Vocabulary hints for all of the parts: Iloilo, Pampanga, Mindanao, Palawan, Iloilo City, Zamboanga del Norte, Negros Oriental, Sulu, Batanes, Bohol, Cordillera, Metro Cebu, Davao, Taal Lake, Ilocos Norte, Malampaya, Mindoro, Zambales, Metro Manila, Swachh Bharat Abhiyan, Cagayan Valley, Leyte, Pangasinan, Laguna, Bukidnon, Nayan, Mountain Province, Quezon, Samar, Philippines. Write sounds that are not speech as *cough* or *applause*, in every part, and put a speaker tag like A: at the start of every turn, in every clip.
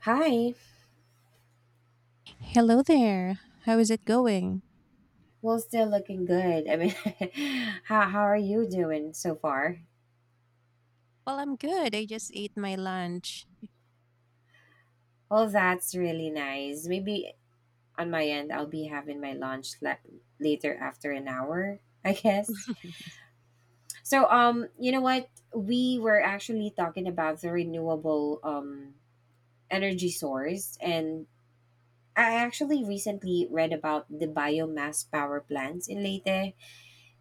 A: Hi.
B: Hello there. How is it going?
A: Well, still looking good. *laughs* How are you doing so far?
B: Well, I'm good. I just ate my lunch.
A: Well, that's really nice. Maybe on my end, I'll be having my lunch later after an hour, I guess. So, you know what? We were actually talking about the renewable energy source, and I actually recently read about the biomass power plants in Leyte.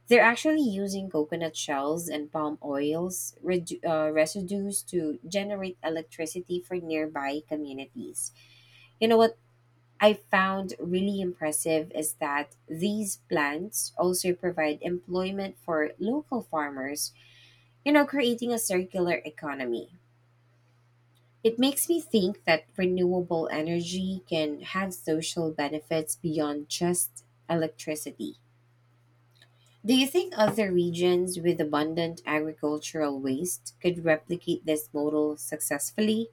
A: They're actually using coconut shells and palm oils residues to generate electricity for nearby communities. You know what I found really impressive is that these plants also provide employment for local farmers, creating a circular economy. It makes me think that renewable energy can have social benefits beyond just electricity. Do you think other regions with abundant agricultural waste could replicate this model successfully?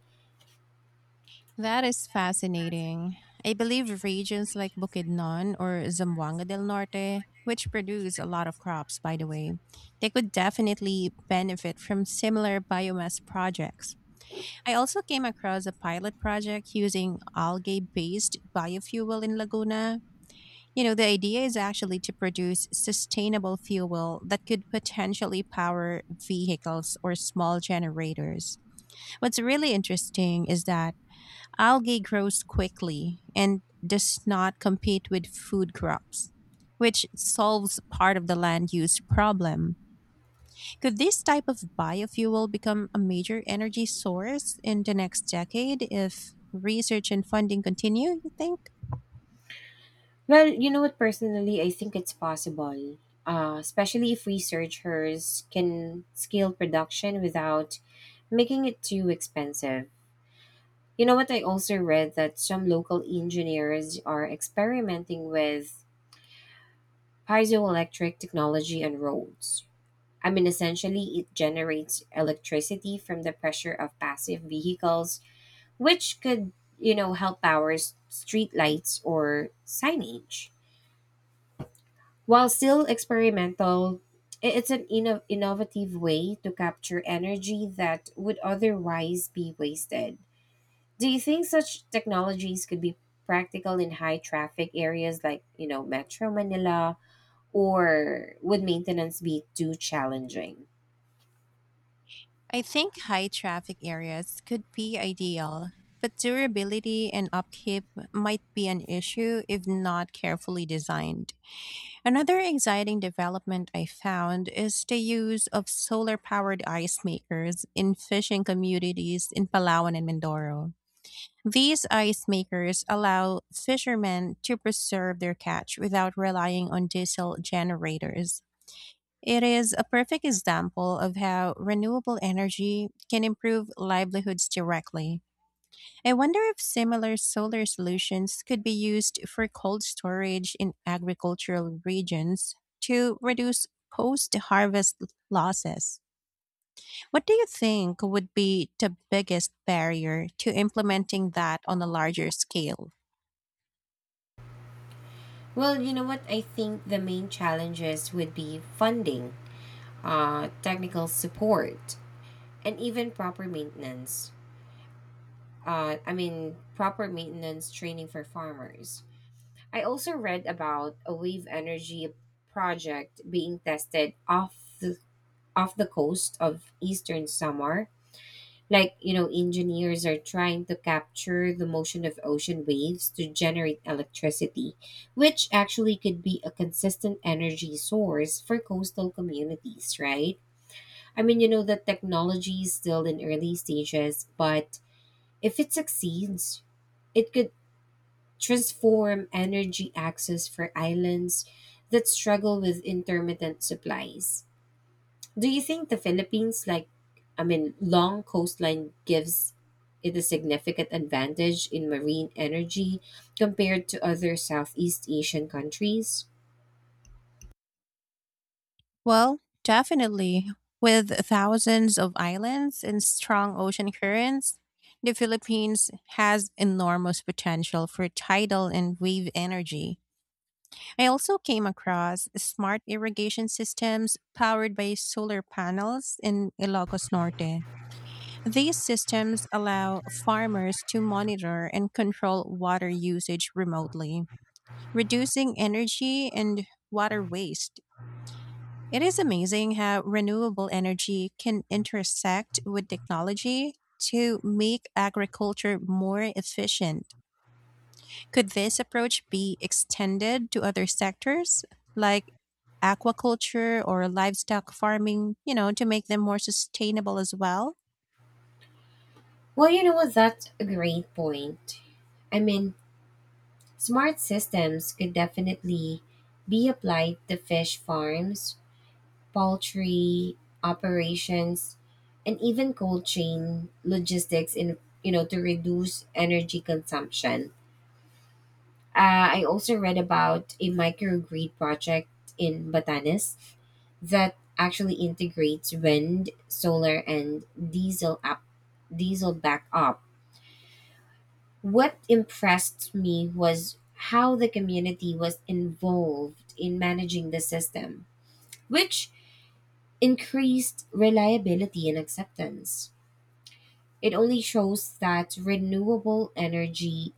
B: That is fascinating. I believe regions like Bukidnon or Zamboanga del Norte, which produce a lot of crops, by the way, they could definitely benefit from similar biomass projects. I also came across a pilot project using algae based biofuel in Laguna. You know, the idea is actually to produce sustainable fuel that could potentially power vehicles or small generators. What's really interesting is that algae grows quickly and does not compete with food crops, which solves part of the land use problem. Could this type of biofuel become a major energy source in the next decade if research and funding continue, you think?
A: Well, you know what, personally, I think it's possible, especially if researchers can scale production without making it too expensive. You know what, I also read that some local engineers are experimenting with piezoelectric technology on roads. I mean, essentially, it generates electricity from the pressure of passive vehicles which could, help power streetlights or signage. While still experimental, it's an innovative way to capture energy that would otherwise be wasted. Do you think such technologies could be practical in high traffic areas like, you know, Metro Manila, or would maintenance be too challenging?
B: I think high traffic areas could be ideal, but durability and upkeep might be an issue if not carefully designed. Another exciting development I found is the use of solar powered ice makers in fishing communities in Palawan and Mindoro. These ice makers allow fishermen to preserve their catch without relying on diesel generators. It is a perfect example of how renewable energy can improve livelihoods directly. I wonder if similar solar solutions could be used for cold storage in agricultural regions to reduce post harvest losses. What do you think would be the biggest barrier to implementing that on a larger scale?
A: Well, you know what? I think the main challenges would be funding, technical support, and even proper maintenance. I mean, proper maintenance training for farmers. I also read about a wave energy project being tested off the coast of eastern Samar. Like you know, engineers are trying to capture the motion of ocean waves to generate electricity, which actually could be a consistent energy source for coastal communities. Right? I mean, you know, the technology is still in early stages, but if it succeeds, it could transform energy access for islands that struggle with intermittent supplies. Do you think the Philippines, like, I mean, long coastline gives it a significant advantage in marine energy compared to other Southeast Asian countries?
B: Well, definitely. With thousands of islands and strong ocean currents, the Philippines has enormous potential for tidal and wave energy. I also came across smart irrigation systems powered by solar panels in Ilocos Norte. These systems allow farmers to monitor and control water usage remotely, reducing energy and water waste. It is amazing how renewable energy can intersect with technology to make agriculture more efficient. Could this approach be extended to other sectors like aquaculture or livestock farming, you know, to make them more sustainable as well?
A: Well, you know what? That's a great point. I mean, smart systems could definitely be applied to fish farms, poultry operations, and even cold chain logistics in, you know, to reduce energy consumption. I also read about a microgrid project in Batanes that actually integrates wind, solar, and diesel backup. What impressed me was how the community was involved in managing the system, which increased reliability and acceptance. It only shows that renewable energy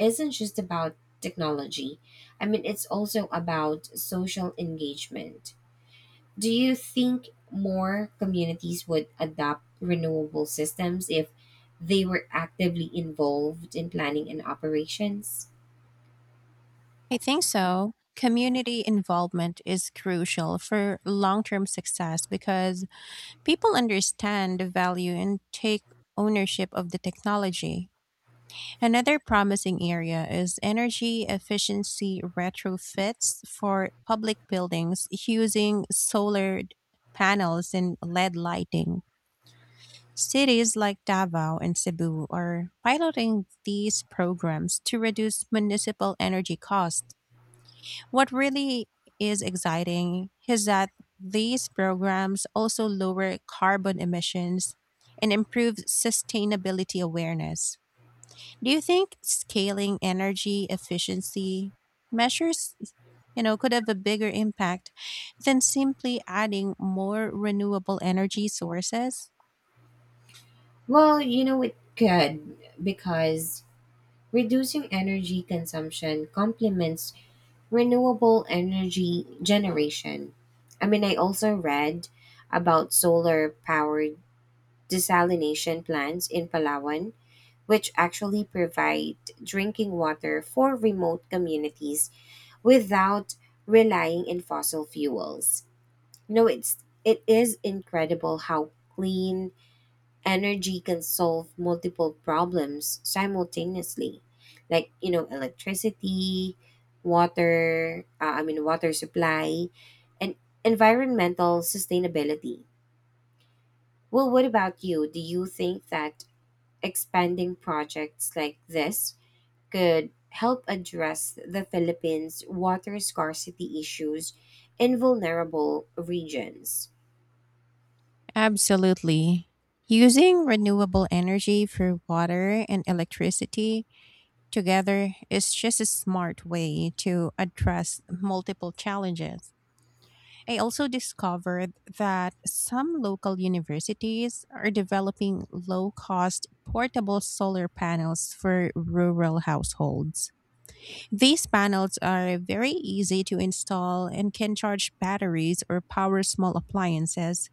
A: isn't just about technology. I mean, it's also about social engagement. Do you think more communities would adopt renewable systems if they were actively involved in planning and operations?
B: I think so. Community involvement is crucial for long term success because people understand the value and take ownership of the technology. Another promising area is energy efficiency retrofits for public buildings using panels and LED lighting. Cities like Davao and Cebu are piloting these programs to reduce municipal energy costs. What really is exciting is that these programs also lower carbon emissions and improve sustainability awareness. Do you think scaling energy efficiency measures, you know, could have a bigger impact than simply adding more renewable energy sources?
A: Well, you know, it could, because reducing energy consumption complements renewable energy generation. I mean, I also read about solar powered desalination plants in Palawan, which actually provide drinking water for remote communities without relying on fossil fuels. No, it is incredible how clean energy can solve multiple problems simultaneously, like you know, electricity, water, I mean, water supply, and environmental sustainability. Well, what about you? Do you think that expanding projects like this could help address the Philippines water scarcity issues in vulnerable regions?
B: Absolutely. Using renewable energy for water and electricity together is just a smart way to address multiple challenges. I also discovered that some local universities are developing low cost portable solar panels for rural households. These panels are very easy to install and can charge batteries or power small appliances,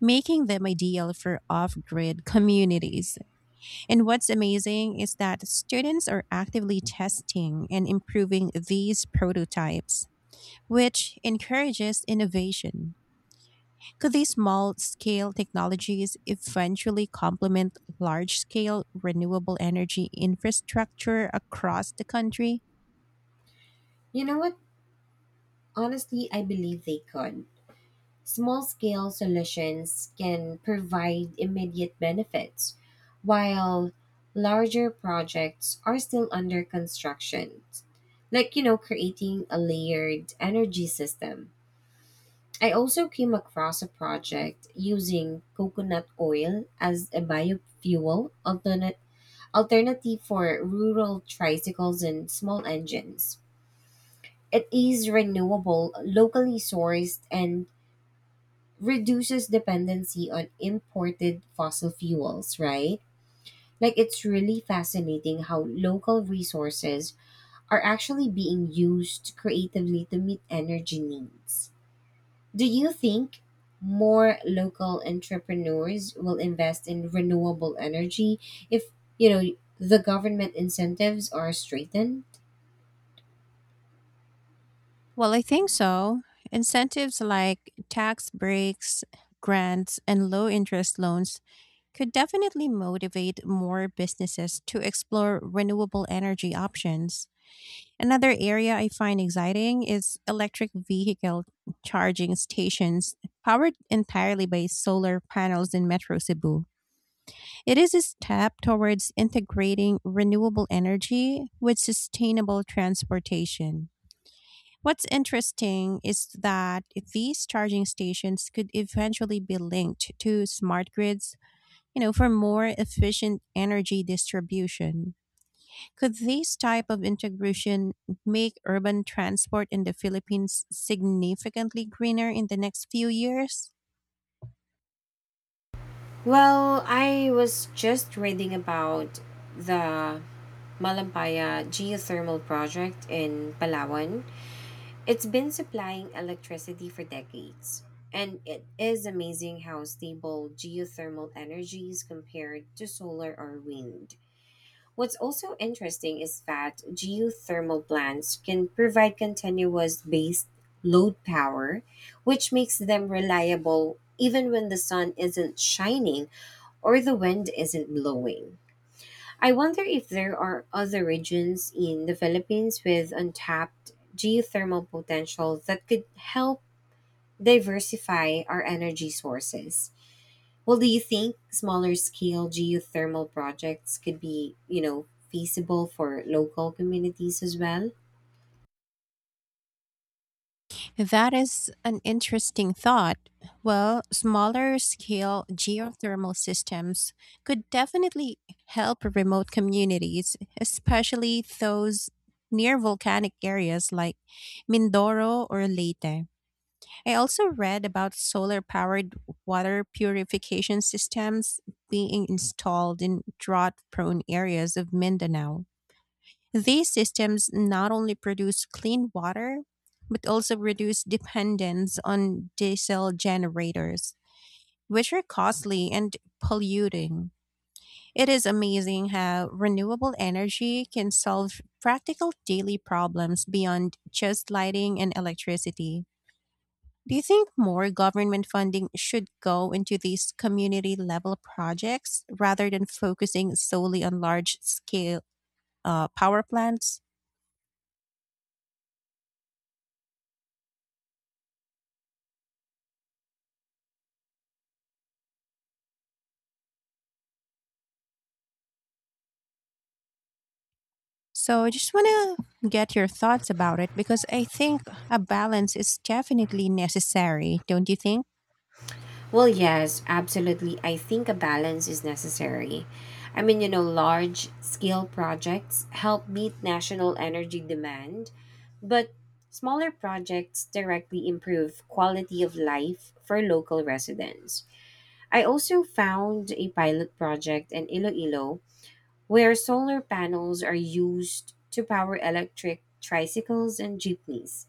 B: making them ideal for off grid communities. And what's amazing is that students are actively testing and improving these prototypes, which encourages innovation. Could these small scale technologies eventually complement large scale renewable energy infrastructure across the country?
A: You know what, honestly, I believe they could. Small scale solutions can provide immediate benefits, while larger projects are still under construction, like, you know, creating a layered energy system. I also came across a project using coconut oil as a alternative for rural tricycles and small engines. It is renewable, locally sourced, and reduces dependency on imported fossil fuels, right? Like, it's really fascinating how local resources are actually being used creatively to meet energy needs. Do you think more local entrepreneurs will invest in renewable energy if, you know, the government incentives are straightened?
B: Well, I think so. Incentives like tax breaks, grants, and low interest loans could definitely motivate more businesses to explore renewable energy options. Another area I find exciting is electric vehicle charging stations powered entirely by solar panels in Metro Cebu. It is a step towards integrating renewable energy with sustainable transportation. What's interesting is that these charging stations could eventually be linked to smart grids, you know, for more efficient energy distribution. Could this type of integration make urban transport in the Philippines significantly greener in the next few years?
A: Well, I was just reading about the Malampaya geothermal project in Palawan. It's been supplying electricity for decades, and it is amazing how stable geothermal energy is compared to solar or wind. What's also interesting is that geothermal plants can provide continuous based load power, which makes them reliable even when the sun isn't shining or the wind isn't blowing. I wonder if there are other regions in the Philippines with untapped geothermal potential that could help diversify our energy sources. Well, do you think smaller scale geothermal projects could be, you know, feasible for local communities as well?
B: That is an interesting thought. Well, smaller scale geothermal systems could definitely help remote communities, especially those near volcanic areas like Mindoro or Leyte. I also read about solar powered water purification systems being installed in drought prone areas of Mindanao. These systems not only produce clean water, but also reduce dependence on diesel generators, which are costly and polluting. It is amazing how renewable energy can solve practical daily problems beyond just lighting and electricity. Do you think more government funding should go into these community level projects rather than focusing solely on large scale power plants? So I just want to get your thoughts about it because I think a balance is definitely necessary, don't you think?
A: Well, yes, absolutely. I think a balance is necessary. I mean, you know, large scale projects help meet national energy demand, but smaller projects directly improve quality of life for local residents. I also found a pilot project in Iloilo where solar panels are used to power electric tricycles and jeepneys.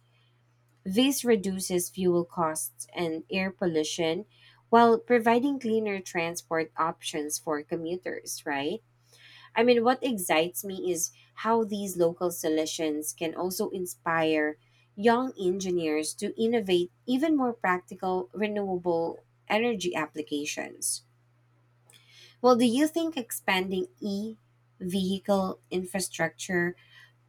A: This reduces fuel costs and air pollution while providing cleaner transport options for commuters, right? I mean, what excites me is how these local solutions can also inspire young engineers to innovate even more practical renewable energy applications. Well, do you think expanding e vehicle infrastructure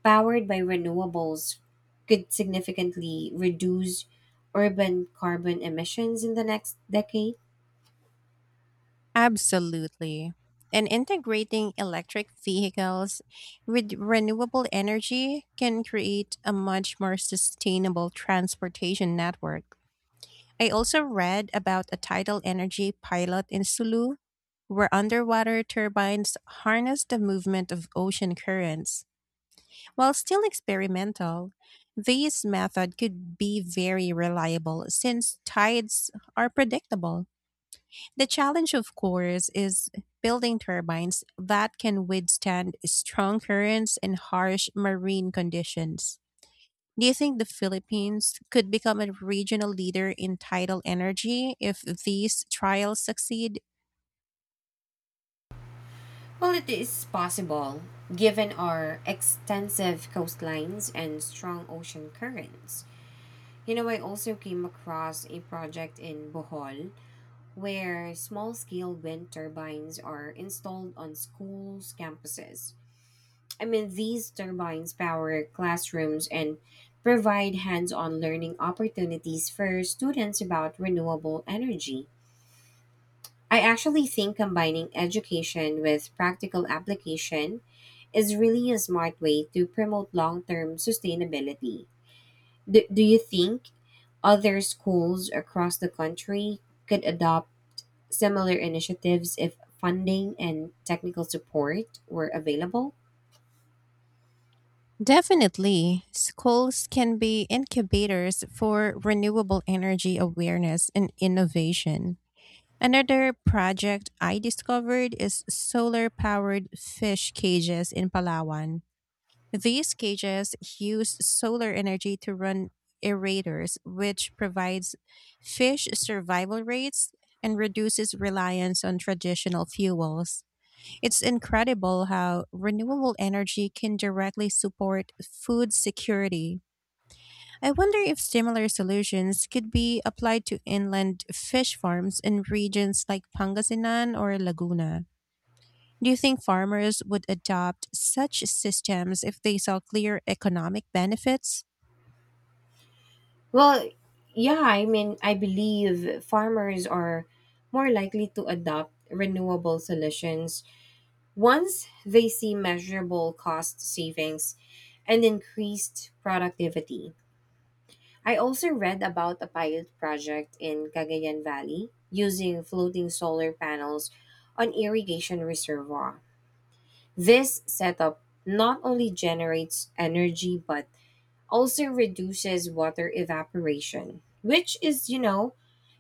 A: powered by renewables could significantly reduce urban carbon emissions in the next decade?
B: Absolutely. And integrating electric vehicles with renewable energy can create a much more sustainable transportation network. I also read about a tidal energy pilot in Sulu where underwater turbines harness the movement of ocean currents. While still experimental, this method could be very reliable since tides are predictable. The challenge, of course, is building turbines that can withstand strong currents and harsh marine conditions. Do you think the Philippines could become a regional leader in tidal energy if these trials succeed?
A: Well, it is possible, given our extensive coastlines and strong ocean currents. You know, I also came across a project in Bohol where small scale wind turbines are installed on schools' campuses. I mean, these turbines power classrooms and provide hands on learning opportunities for students about renewable energy. I actually think combining education with practical application is really a smart way to promote long term sustainability. Do you think other schools across the country could adopt similar initiatives if funding and technical support were available?
B: Definitely, schools can be incubators for renewable energy awareness and innovation. Another project I discovered is solar powered fish cages in Palawan. These cages use solar energy to run aerators, which provides fish survival rates and reduces reliance on traditional fuels. It's incredible how renewable energy can directly support food security. I wonder if similar solutions could be applied to inland fish farms in regions like Pangasinan or Laguna. Do you think farmers would adopt such systems if they saw clear economic benefits?
A: Well, yeah, I mean, I believe farmers are more likely to adopt renewable solutions once they see measurable cost savings and increased productivity. I also read about a pilot project in Cagayan Valley using floating solar panels on irrigation reservoir. This setup not only generates energy but also reduces water evaporation, which is, you know,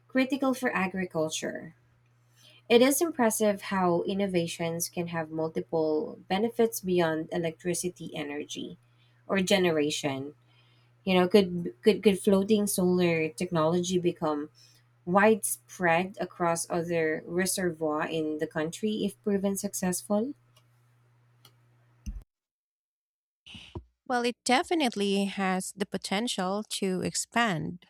A: critical for agriculture. It is impressive how innovations can have multiple benefits beyond electricity energy or generation. You know, could floating solar technology become widespread across other reservoir in the country if proven successful?
B: Well, it definitely has the potential to expand.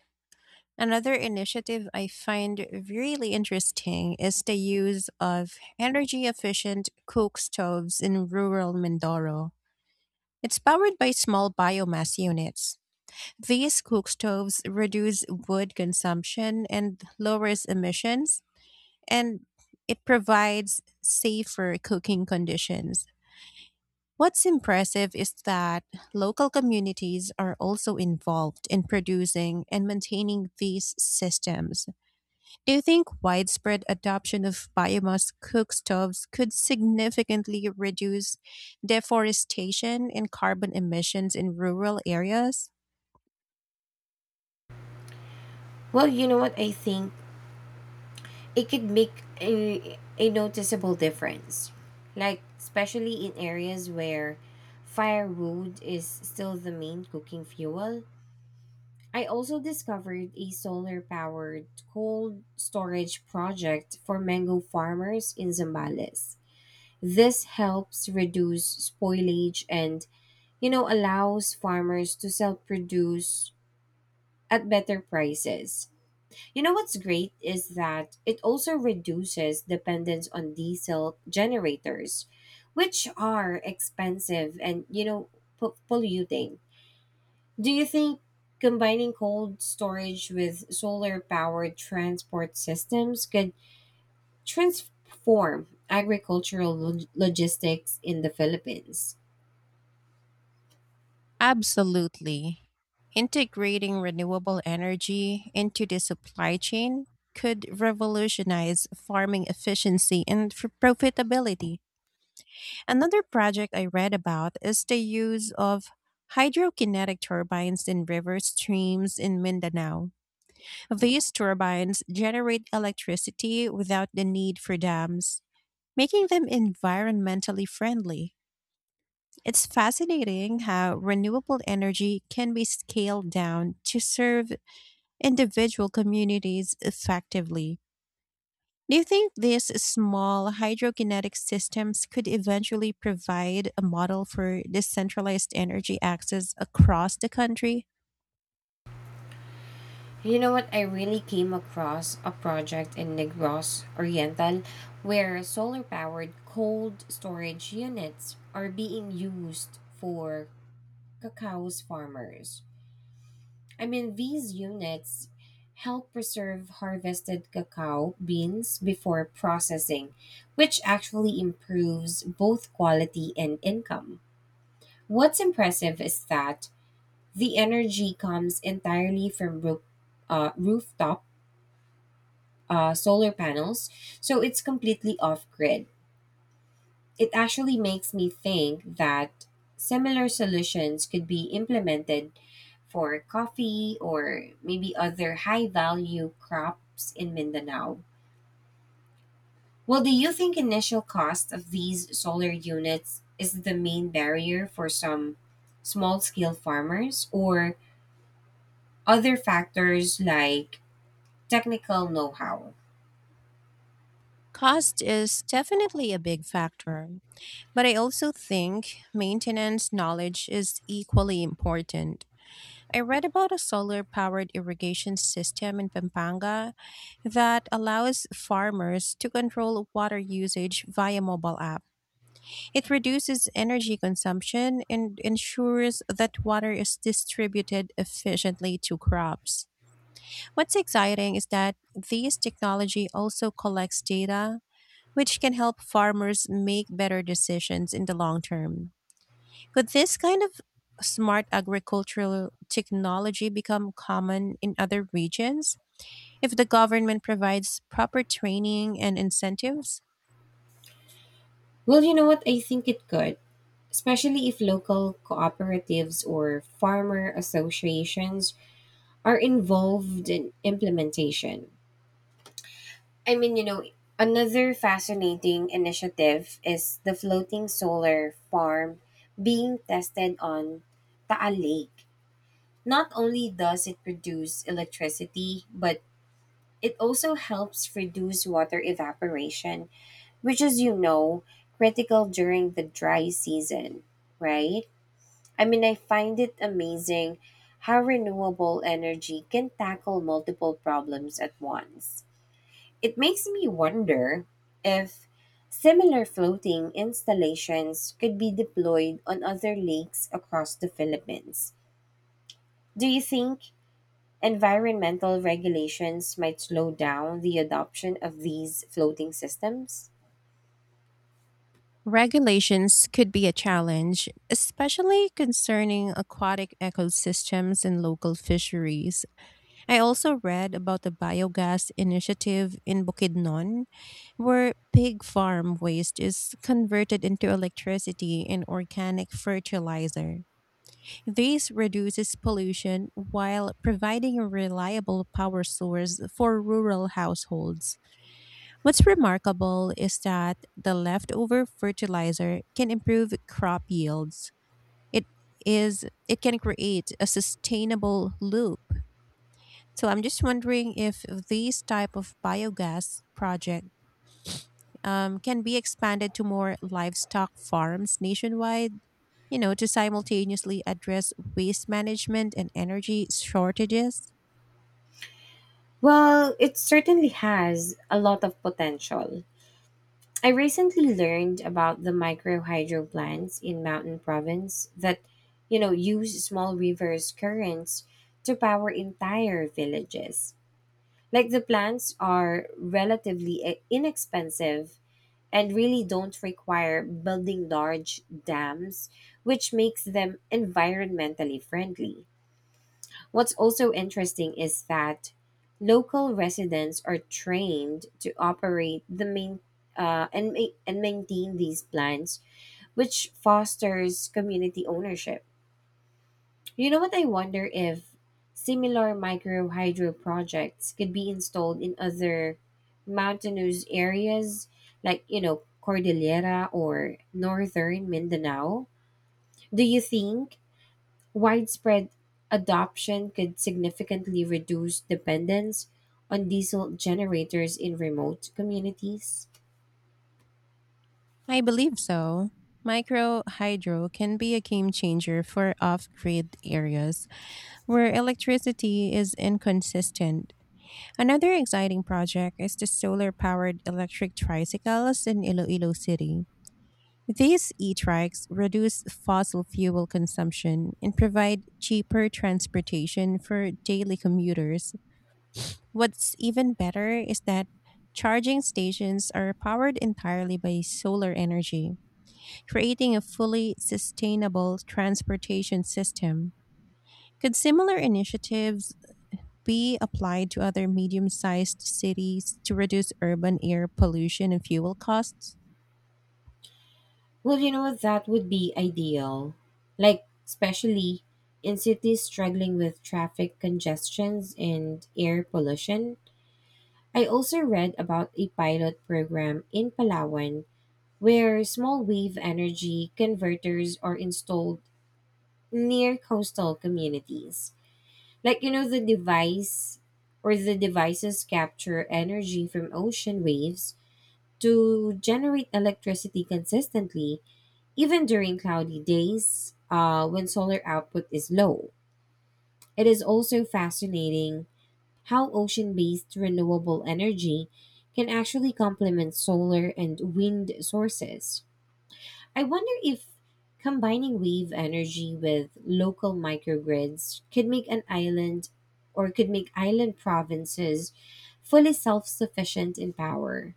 B: Another initiative I find really interesting is the use of energy efficient cook stoves in rural Mindoro. It's powered by small biomass units. These cook stoves reduce wood consumption and lowers emissions, and it provides safer cooking conditions. What's impressive is that local communities are also involved in producing and maintaining these systems. Do you think widespread adoption of biomass cookstoves could significantly reduce deforestation and carbon emissions in rural areas?
A: Well, you know what, I think it could make a noticeable difference. Like, especially in areas where firewood is still the main cooking fuel. I also discovered a solar powered cold storage project for mango farmers in Zambales. This helps reduce spoilage and, you know, allows farmers to sell produce at better prices. You know what's great is that it also reduces dependence on diesel generators, which are expensive and, you know, polluting. Do you think combining cold storage with solar powered transport systems could transform logistics in the Philippines?
B: Absolutely. Integrating renewable energy into the supply chain could revolutionize farming efficiency and profitability. Another project I read about is the use of hydrokinetic turbines in river streams in Mindanao. These turbines generate electricity without the need for dams, making them environmentally friendly. It's fascinating how renewable energy can be scaled down to serve individual communities effectively. Do you think these small hydrokinetic systems could eventually provide a model for decentralized energy access across the country?
A: You know what? I really came across a project in Negros Oriental where solar powered cold storage units are being used for cacao's farmers. I mean, these units help preserve harvested cacao beans before processing, which actually improves both quality and income. What's impressive is that the energy comes entirely from rooftop solar panels, so it's completely off grid. It actually makes me think that similar solutions could be implemented for coffee or maybe other high value crops in Mindanao. Well, do you think initial cost of these solar units is the main barrier for some small scale farmers, or other factors like technical know how?
B: Cost is definitely a big factor, but I also think maintenance knowledge is equally important. I read about a solar powered irrigation system in Pampanga that allows farmers to control water usage via mobile app. It reduces energy consumption and ensures that water is distributed efficiently to crops. What's exciting is that this technology also collects data, which can help farmers make better decisions in the long term. Could this kind of smart agricultural technology become common in other regions if the government provides proper training and incentives?
A: Well, you know what? I think it could, especially if local cooperatives or farmer associations are involved in implementation. I mean, you know, another fascinating initiative is the floating solar farm being tested on Taal Lake. Not only does it produce electricity, but it also helps reduce water evaporation, which as you know, critical during the dry season, right? I mean, I find it amazing how renewable energy can tackle multiple problems at once. It makes me wonder if similar floating installations could be deployed on other lakes across the Philippines. Do you think environmental regulations might slow down the adoption of these floating systems?
B: Regulations could be a challenge, especially concerning aquatic ecosystems and local fisheries. I also read about the biogas initiative in Bukidnon, where pig farm waste is converted into electricity and organic fertilizer. This reduces pollution while providing a reliable power source for rural households. What's remarkable is that the leftover fertilizer can improve crop yields. It it can create a sustainable loop. So I'm just wondering if these type of biogas project can be expanded to more livestock farms nationwide, you know, to simultaneously address waste management and energy shortages?
A: Well, it certainly has a lot of potential. I recently learned about the micro hydro plants in Mountain Province that, you know, use small rivers' currents to power entire villages. Like, the plants are relatively inexpensive and really don't require building large dams, which makes them environmentally friendly. What's also interesting is that local residents are trained to operate the main, and maintain these plants, which fosters community ownership. You know what, I wonder if similar micro hydro projects could be installed in other mountainous areas like, you know, Cordillera or northern Mindanao? Do you think widespread adoption could significantly reduce dependence on diesel generators in remote communities?
B: I believe so. Micro hydro can be a game changer for off grid areas where electricity is inconsistent. Another exciting project is the solar powered electric tricycles in Iloilo City. These e trikes reduce fossil fuel consumption and provide cheaper transportation for daily commuters. What's even better is that charging stations are powered entirely by solar energy, creating a fully sustainable transportation system. Could similar initiatives be applied to other medium sized cities to reduce urban air pollution and fuel costs?
A: Well, you know, that would be ideal. Like, especially in cities struggling with traffic congestions and air pollution. I also read about a pilot program in Palawan where small wave energy converters are installed near coastal communities. Like, you know, the devices capture energy from ocean waves to generate electricity consistently even during cloudy days, when solar output is low. It is also fascinating how ocean based renewable energy can actually complement solar and wind sources. I wonder if combining wave energy with local microgrids could make an island or could make island provinces fully self sufficient in power.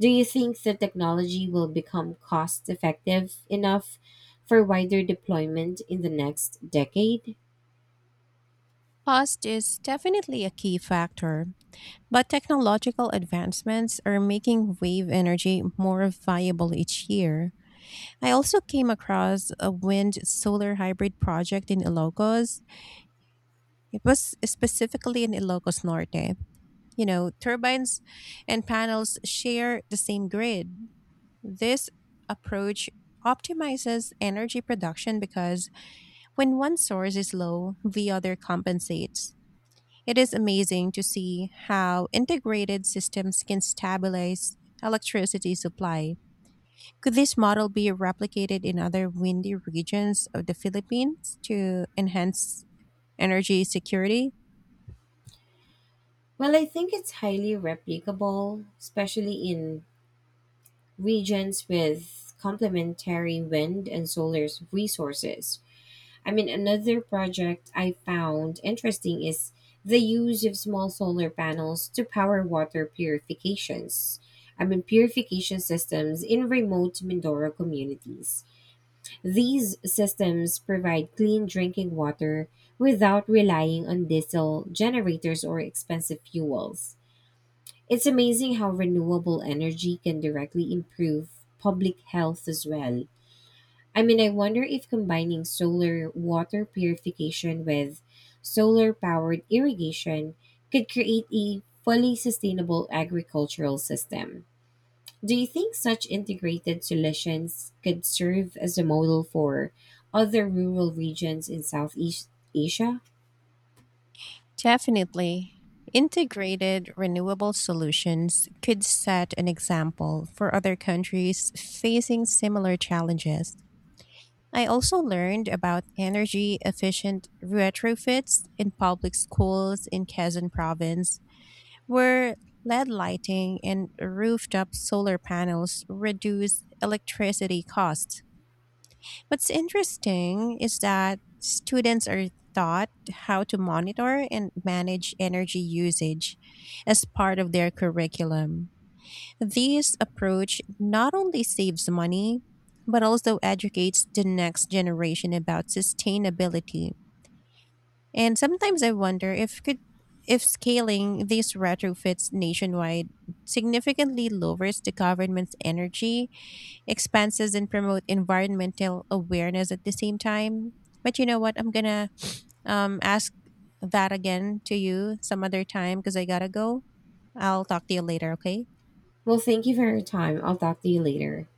A: Do you think the technology will become cost effective enough for wider deployment in the next decade?
B: Cost is definitely a key factor, but technological advancements are making wave energy more viable each year. I also came across a wind solar hybrid project in Ilocos. It was specifically in Ilocos Norte. You know, turbines and panels share the same grid. This approach optimizes energy production because when one source is low, the other compensates. It is amazing to see how integrated systems can stabilize electricity supply. Could this model be replicated in other windy regions of the Philippines to enhance energy security?
A: Well, I think it's highly replicable, especially in regions with complementary wind and solar resources. I mean, another project I found interesting is the use of small solar panels to power water purifications. I mean, purification systems in remote Mindoro communities. These systems provide clean drinking water without relying on diesel generators or expensive fuels. It's amazing how renewable energy can directly improve public health as well. I mean, I wonder if combining solar water purification with solar powered irrigation could create a fully sustainable agricultural system. Do you think such integrated solutions could serve as a model for other rural regions in Southeast Asia?
B: Definitely. Integrated renewable solutions could set an example for other countries facing similar challenges. I also learned about energy efficient retrofits in public schools in Quezon province where LED lighting and rooftop solar panels reduce electricity costs. What's interesting is that students are taught how to monitor and manage energy usage as part of their curriculum. This approach not only saves money, but also educates the next generation about sustainability. And sometimes I wonder if scaling these retrofits nationwide significantly lowers the government's energy expenses and promote environmental awareness at the same time. But you know what? I'm gonna ask that again to you some other time because I gotta go. I'll talk to you later. Okay.
A: Well, thank you for your time. I'll talk to you later.